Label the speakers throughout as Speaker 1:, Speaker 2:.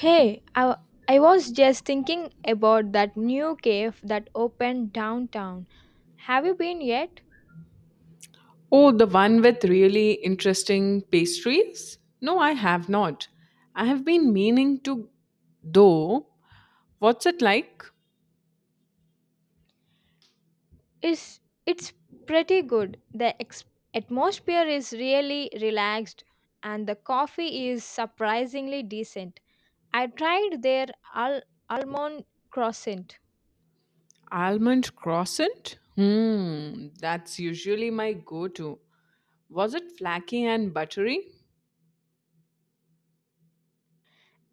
Speaker 1: Hey, I was just thinking about that new cave that opened downtown. Have you been yet?
Speaker 2: Oh, the one with really interesting pastries? No, I have not. I have been meaning to, though. What's it like?
Speaker 1: Is it's pretty good. The atmosphere is really relaxed and the coffee is surprisingly decent. I tried their al- almond croissant.
Speaker 2: Almond croissant? Hmm, that's usually my go to. Was it flaky and buttery?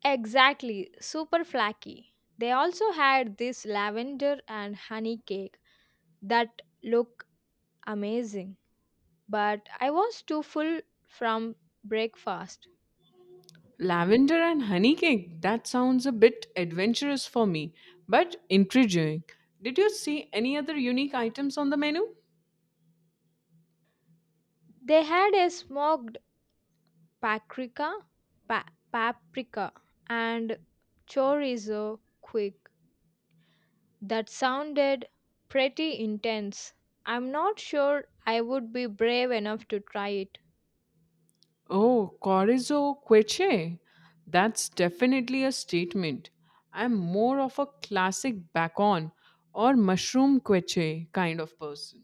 Speaker 1: Exactly, super flaky. They also had this lavender and honey cake that look amazing, but I was too full from breakfast.
Speaker 2: Lavender and honey cake? That sounds a bit adventurous for me, but intriguing. Did you see any other unique items on the menu?
Speaker 1: They had a smoked paprika, pa- paprika and chorizo quick that sounded pretty intense. I'm not sure I would be brave enough to try it.
Speaker 2: Oh, Corizo Queche. That's definitely a statement. I'm more of a classic bacon or mushroom queche kind of person.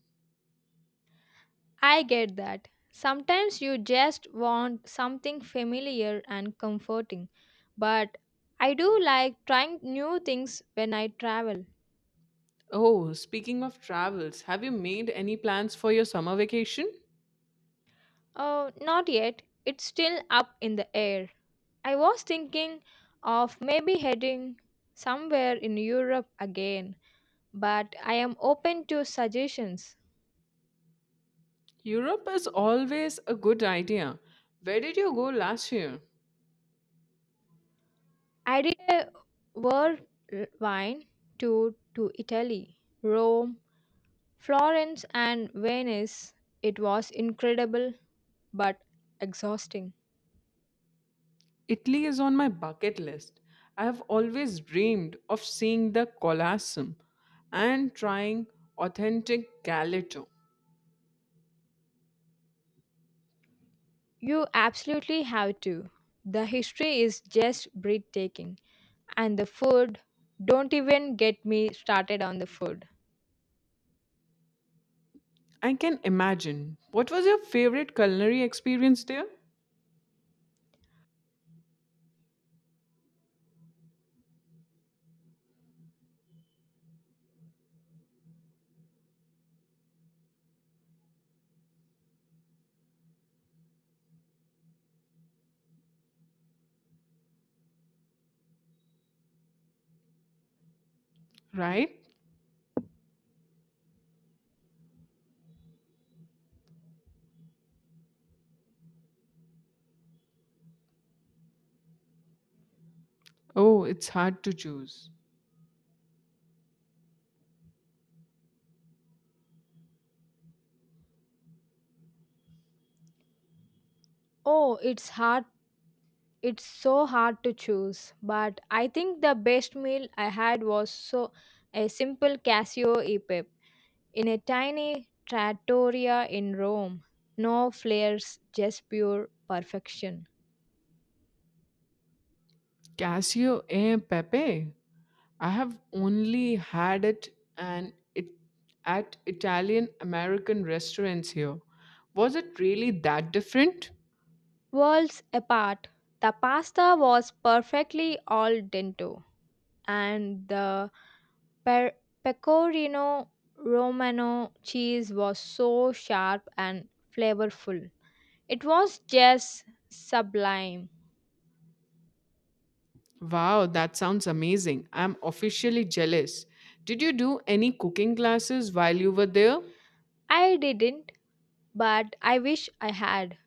Speaker 1: I get that. Sometimes you just want something familiar and comforting, but I do like trying new things when I travel.
Speaker 2: Oh, speaking of travels, have you made any plans for your summer vacation?
Speaker 1: Oh, not yet. It's still up in the air. I was thinking of maybe heading somewhere in Europe again, but I am open to suggestions.
Speaker 2: Europe is always a good idea. Where did you go last year?
Speaker 1: I did a whirlwind tour to Italy, Rome, Florence, and Venice. It was incredible but exhausting.
Speaker 2: Italy is on my bucket list. I have always dreamed of seeing the Colosseum and trying authentic gelato.
Speaker 1: You absolutely have to. The history is just breathtaking. And the food, don't even get me started on the food.
Speaker 2: I can imagine. What was your favorite culinary experience there? Right? Oh, it's hard to choose.
Speaker 1: Oh, it's hard. It's so hard to choose, but I think the best meal I had was so a simple Casio e pepe in a tiny trattoria in Rome. No flares, just pure perfection.
Speaker 2: Casio e Pepe. I have only had it at Italian American restaurants here. Was it really that different?
Speaker 1: Worlds apart, the pasta was perfectly al dente, and the Per- pecorino romano cheese was so sharp and flavorful. It was just sublime.
Speaker 2: Wow, that sounds amazing. I'm officially jealous. Did you do any cooking classes while you were there?
Speaker 1: I didn't, but I wish I had.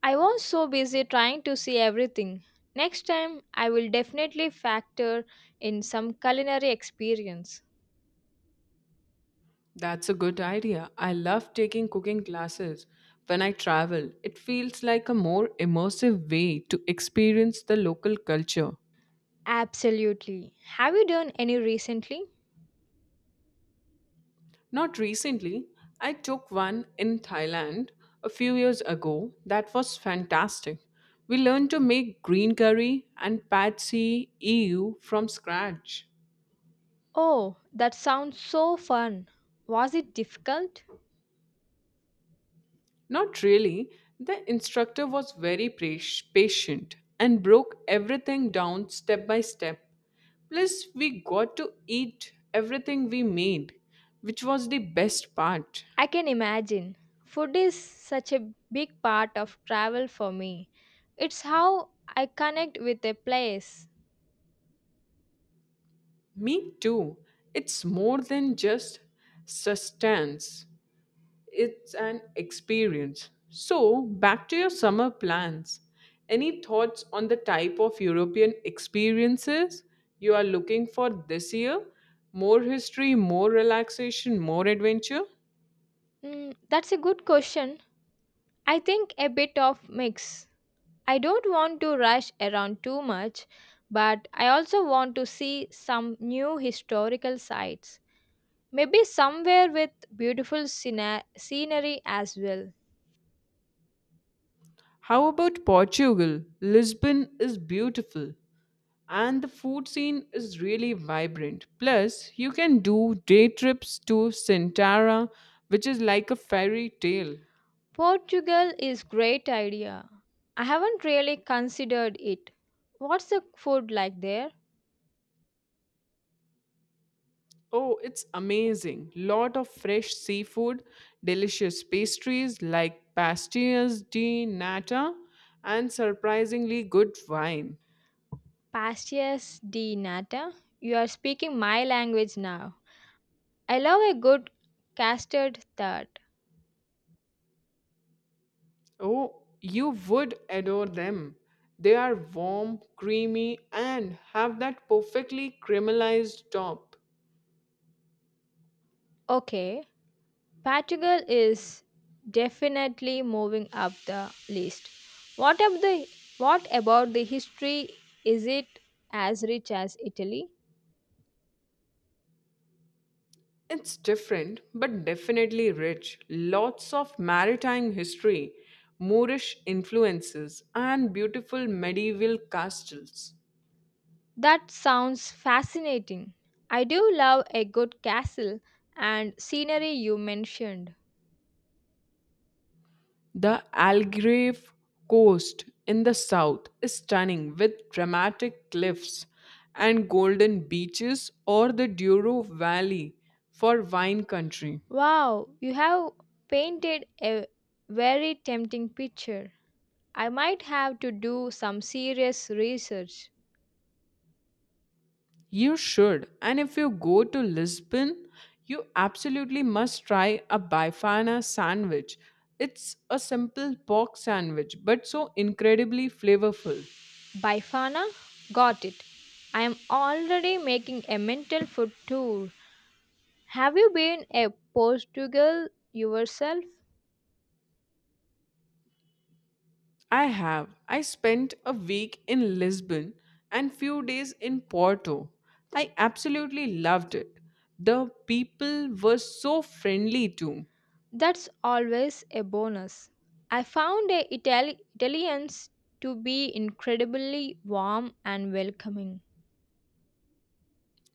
Speaker 1: I was so busy trying to see everything. Next time, I will definitely factor in some culinary experience.
Speaker 2: That's a good idea. I love taking cooking classes when I travel. It feels like a more immersive way to experience the local culture.
Speaker 1: Absolutely. Have you done any recently?
Speaker 2: Not recently, I took one in Thailand a few years ago that was fantastic. We learned to make green curry and patsy ew from scratch.
Speaker 1: Oh, that sounds so fun. Was it difficult?
Speaker 2: Not really. The instructor was very patient and broke everything down step by step. Plus, we got to eat everything we made, which was the best part.
Speaker 1: I can imagine. Food is such a big part of travel for me. It's how I connect with a place.
Speaker 2: Me too. It's more than just sustenance, it's an experience. So, back to your summer plans. Any thoughts on the type of European experiences you are looking for this year? More history, more relaxation, more adventure?
Speaker 1: That's a good question. I think a bit of mix. I don't want to rush around too much, but I also want to see some new historical sites. Maybe somewhere with beautiful scenery as well.
Speaker 2: How about Portugal? Lisbon is beautiful and the food scene is really vibrant. Plus, you can do day trips to Sintra, which is like a fairy tale.
Speaker 1: Portugal is great idea. I haven't really considered it. What's the food like there?
Speaker 2: Oh, it's amazing. Lot of fresh seafood, delicious pastries like pastillas di nata, and surprisingly good wine.
Speaker 1: Pastas de nata. You are speaking my language now. I love a good custard tart.
Speaker 2: Oh, you would adore them. They are warm, creamy, and have that perfectly caramelized top.
Speaker 1: Okay, Portugal is definitely moving up the list. What of the what about the history? Is it as rich as Italy?
Speaker 2: It's different, but definitely rich. Lots of maritime history, Moorish influences, and beautiful medieval castles.
Speaker 1: That sounds fascinating. I do love a good castle and scenery you mentioned.
Speaker 2: The Algarve coast in the south is stunning with dramatic cliffs and golden beaches, or the Douro Valley for wine country.
Speaker 1: Wow, you have painted a very tempting picture. I might have to do some serious research.
Speaker 2: You should, and if you go to Lisbon, you absolutely must try a bifana sandwich. It's a simple pork sandwich, but so incredibly flavorful.
Speaker 1: Bifana? Got it. I am already making a mental food tour. Have you been a Portugal yourself?
Speaker 2: I have. I spent a week in Lisbon and few days in Porto. I absolutely loved it. The people were so friendly too.
Speaker 1: That's always a bonus. I found a Italians to be incredibly warm and welcoming.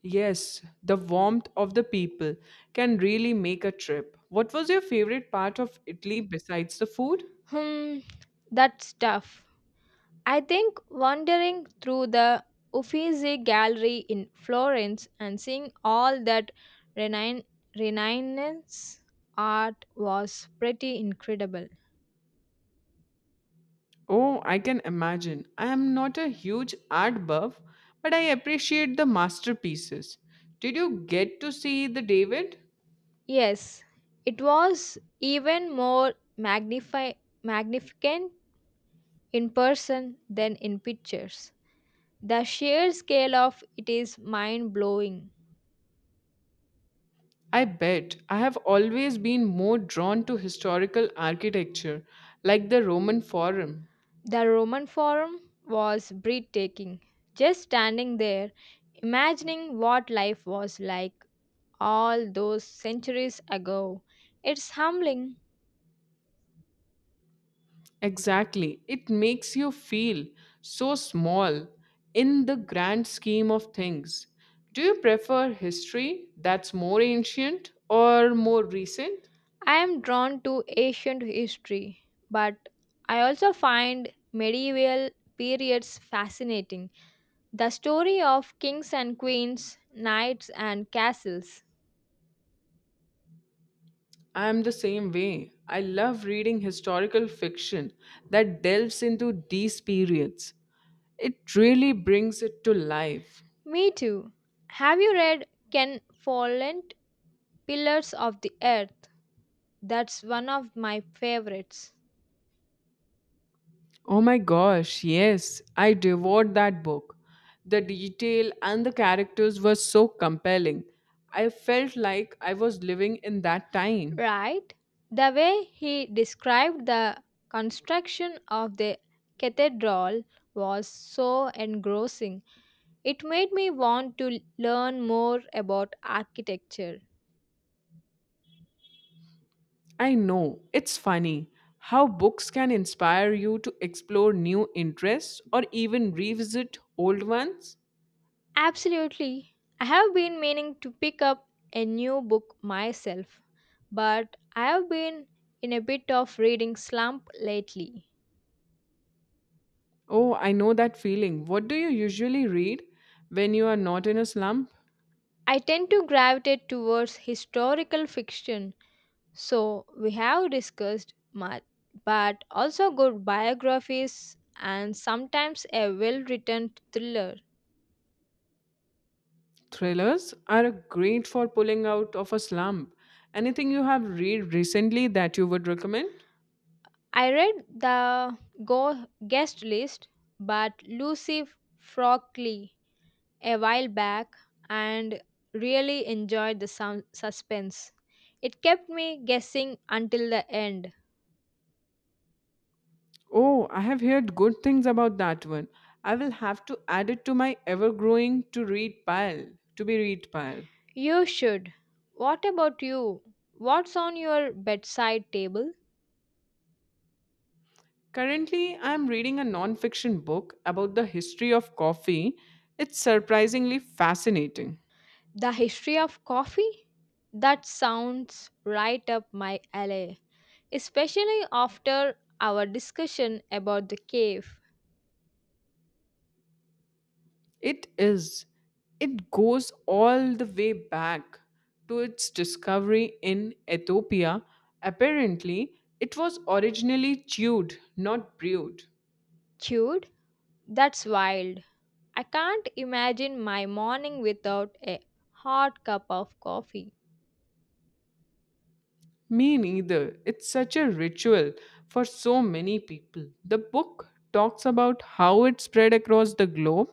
Speaker 2: Yes, the warmth of the people can really make a trip. What was your favorite part of Italy besides the food?
Speaker 1: Hmm, that's tough. I think wandering through the Uffizi Gallery in Florence and seeing all that Renan- Renaissance art was pretty incredible.
Speaker 2: Oh, I can imagine. I am not a huge art buff, but I appreciate the masterpieces. Did you get to see the David?
Speaker 1: Yes, it was even more magnifi- magnificent in person than in pictures. The sheer scale of it is mind blowing.
Speaker 2: I bet. I have always been more drawn to historical architecture, like the Roman Forum.
Speaker 1: The Roman Forum was breathtaking. Just standing there, imagining what life was like all those centuries ago. It's humbling.
Speaker 2: Exactly. It makes you feel so small in the grand scheme of things. Do you prefer history that's more ancient or more recent?
Speaker 1: I am drawn to ancient history, but I also find medieval periods fascinating. The story of kings and queens, knights and castles.
Speaker 2: I am the same way. I love reading historical fiction that delves into these periods. It really brings it to life.
Speaker 1: Me too. Have you read Ken Follett? Pillars of the Earth. That's one of my favorites.
Speaker 2: Oh my gosh, yes, I devoured that book. The detail and the characters were so compelling. I felt like I was living in that time.
Speaker 1: Right? The way he described the construction of the cathedral was so engrossing. It made me want to learn more about architecture.
Speaker 2: I know, it's funny how books can inspire you to explore new interests or even revisit old ones.
Speaker 1: Absolutely. I have been meaning to pick up a new book myself, but I have been in a bit of reading slump lately.
Speaker 2: Oh, I know that feeling. What do you usually read when you are not in a slump?
Speaker 1: I tend to gravitate towards historical fiction, so we have discussed much, but also good biographies and sometimes a well written thriller.
Speaker 2: Thrillers are great for pulling out of a slump. Anything you have read recently that you would recommend?
Speaker 1: I read the guest list, but Lucy Frockley a while back and really enjoyed the suspense. It kept me guessing until the end.
Speaker 2: Oh, I have heard good things about that one. I will have to add it to my ever growing to read pile. To be read pile.
Speaker 1: You should. What about you? What's on your bedside table?
Speaker 2: Currently, I am reading a non fiction book about the history of coffee. It's surprisingly fascinating.
Speaker 1: The history of coffee? That sounds right up my alley, especially after our discussion about the cave.
Speaker 2: It is. It goes all the way back to its discovery in Ethiopia. Apparently, it was originally chewed, not brewed.
Speaker 1: Dude, that's wild. I can't imagine my morning without a hot cup of coffee.
Speaker 2: Me neither. It's such a ritual for so many people. The book talks about how it spread across the globe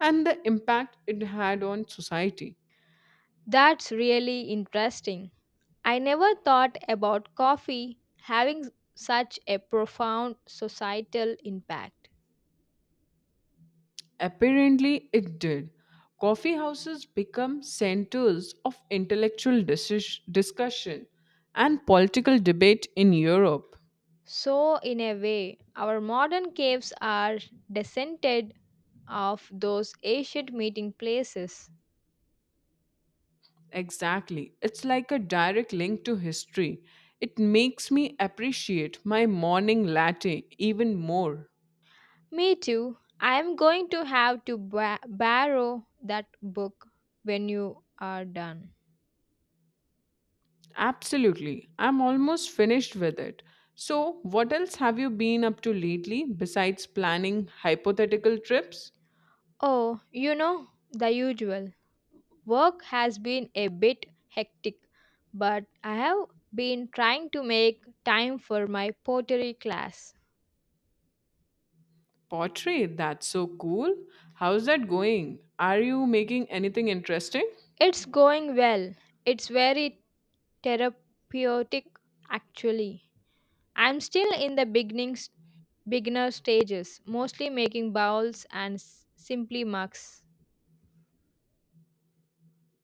Speaker 2: and the impact it had on society.
Speaker 1: That's really interesting. I never thought about coffee having such a profound societal impact.
Speaker 2: Apparently, it did. Coffee houses become centers of intellectual discussion and political debate in Europe.
Speaker 1: So, in a way, our modern caves are descended of those ancient meeting places.
Speaker 2: Exactly. It's like a direct link to history. It makes me appreciate my morning latte even more.
Speaker 1: Me too. I am going to have to borrow that book when you are done.
Speaker 2: Absolutely. I'm almost finished with it. So, what else have you been up to lately besides planning hypothetical trips?
Speaker 1: Oh, you know, the usual. Work has been a bit hectic, but I have been trying to make time for my pottery class.
Speaker 2: Portrait, that's so cool. How's that going? Are you making anything interesting?
Speaker 1: It's going well. It's very therapeutic actually. I'm still in the beginning beginner stages, mostly making bowls and simply mugs.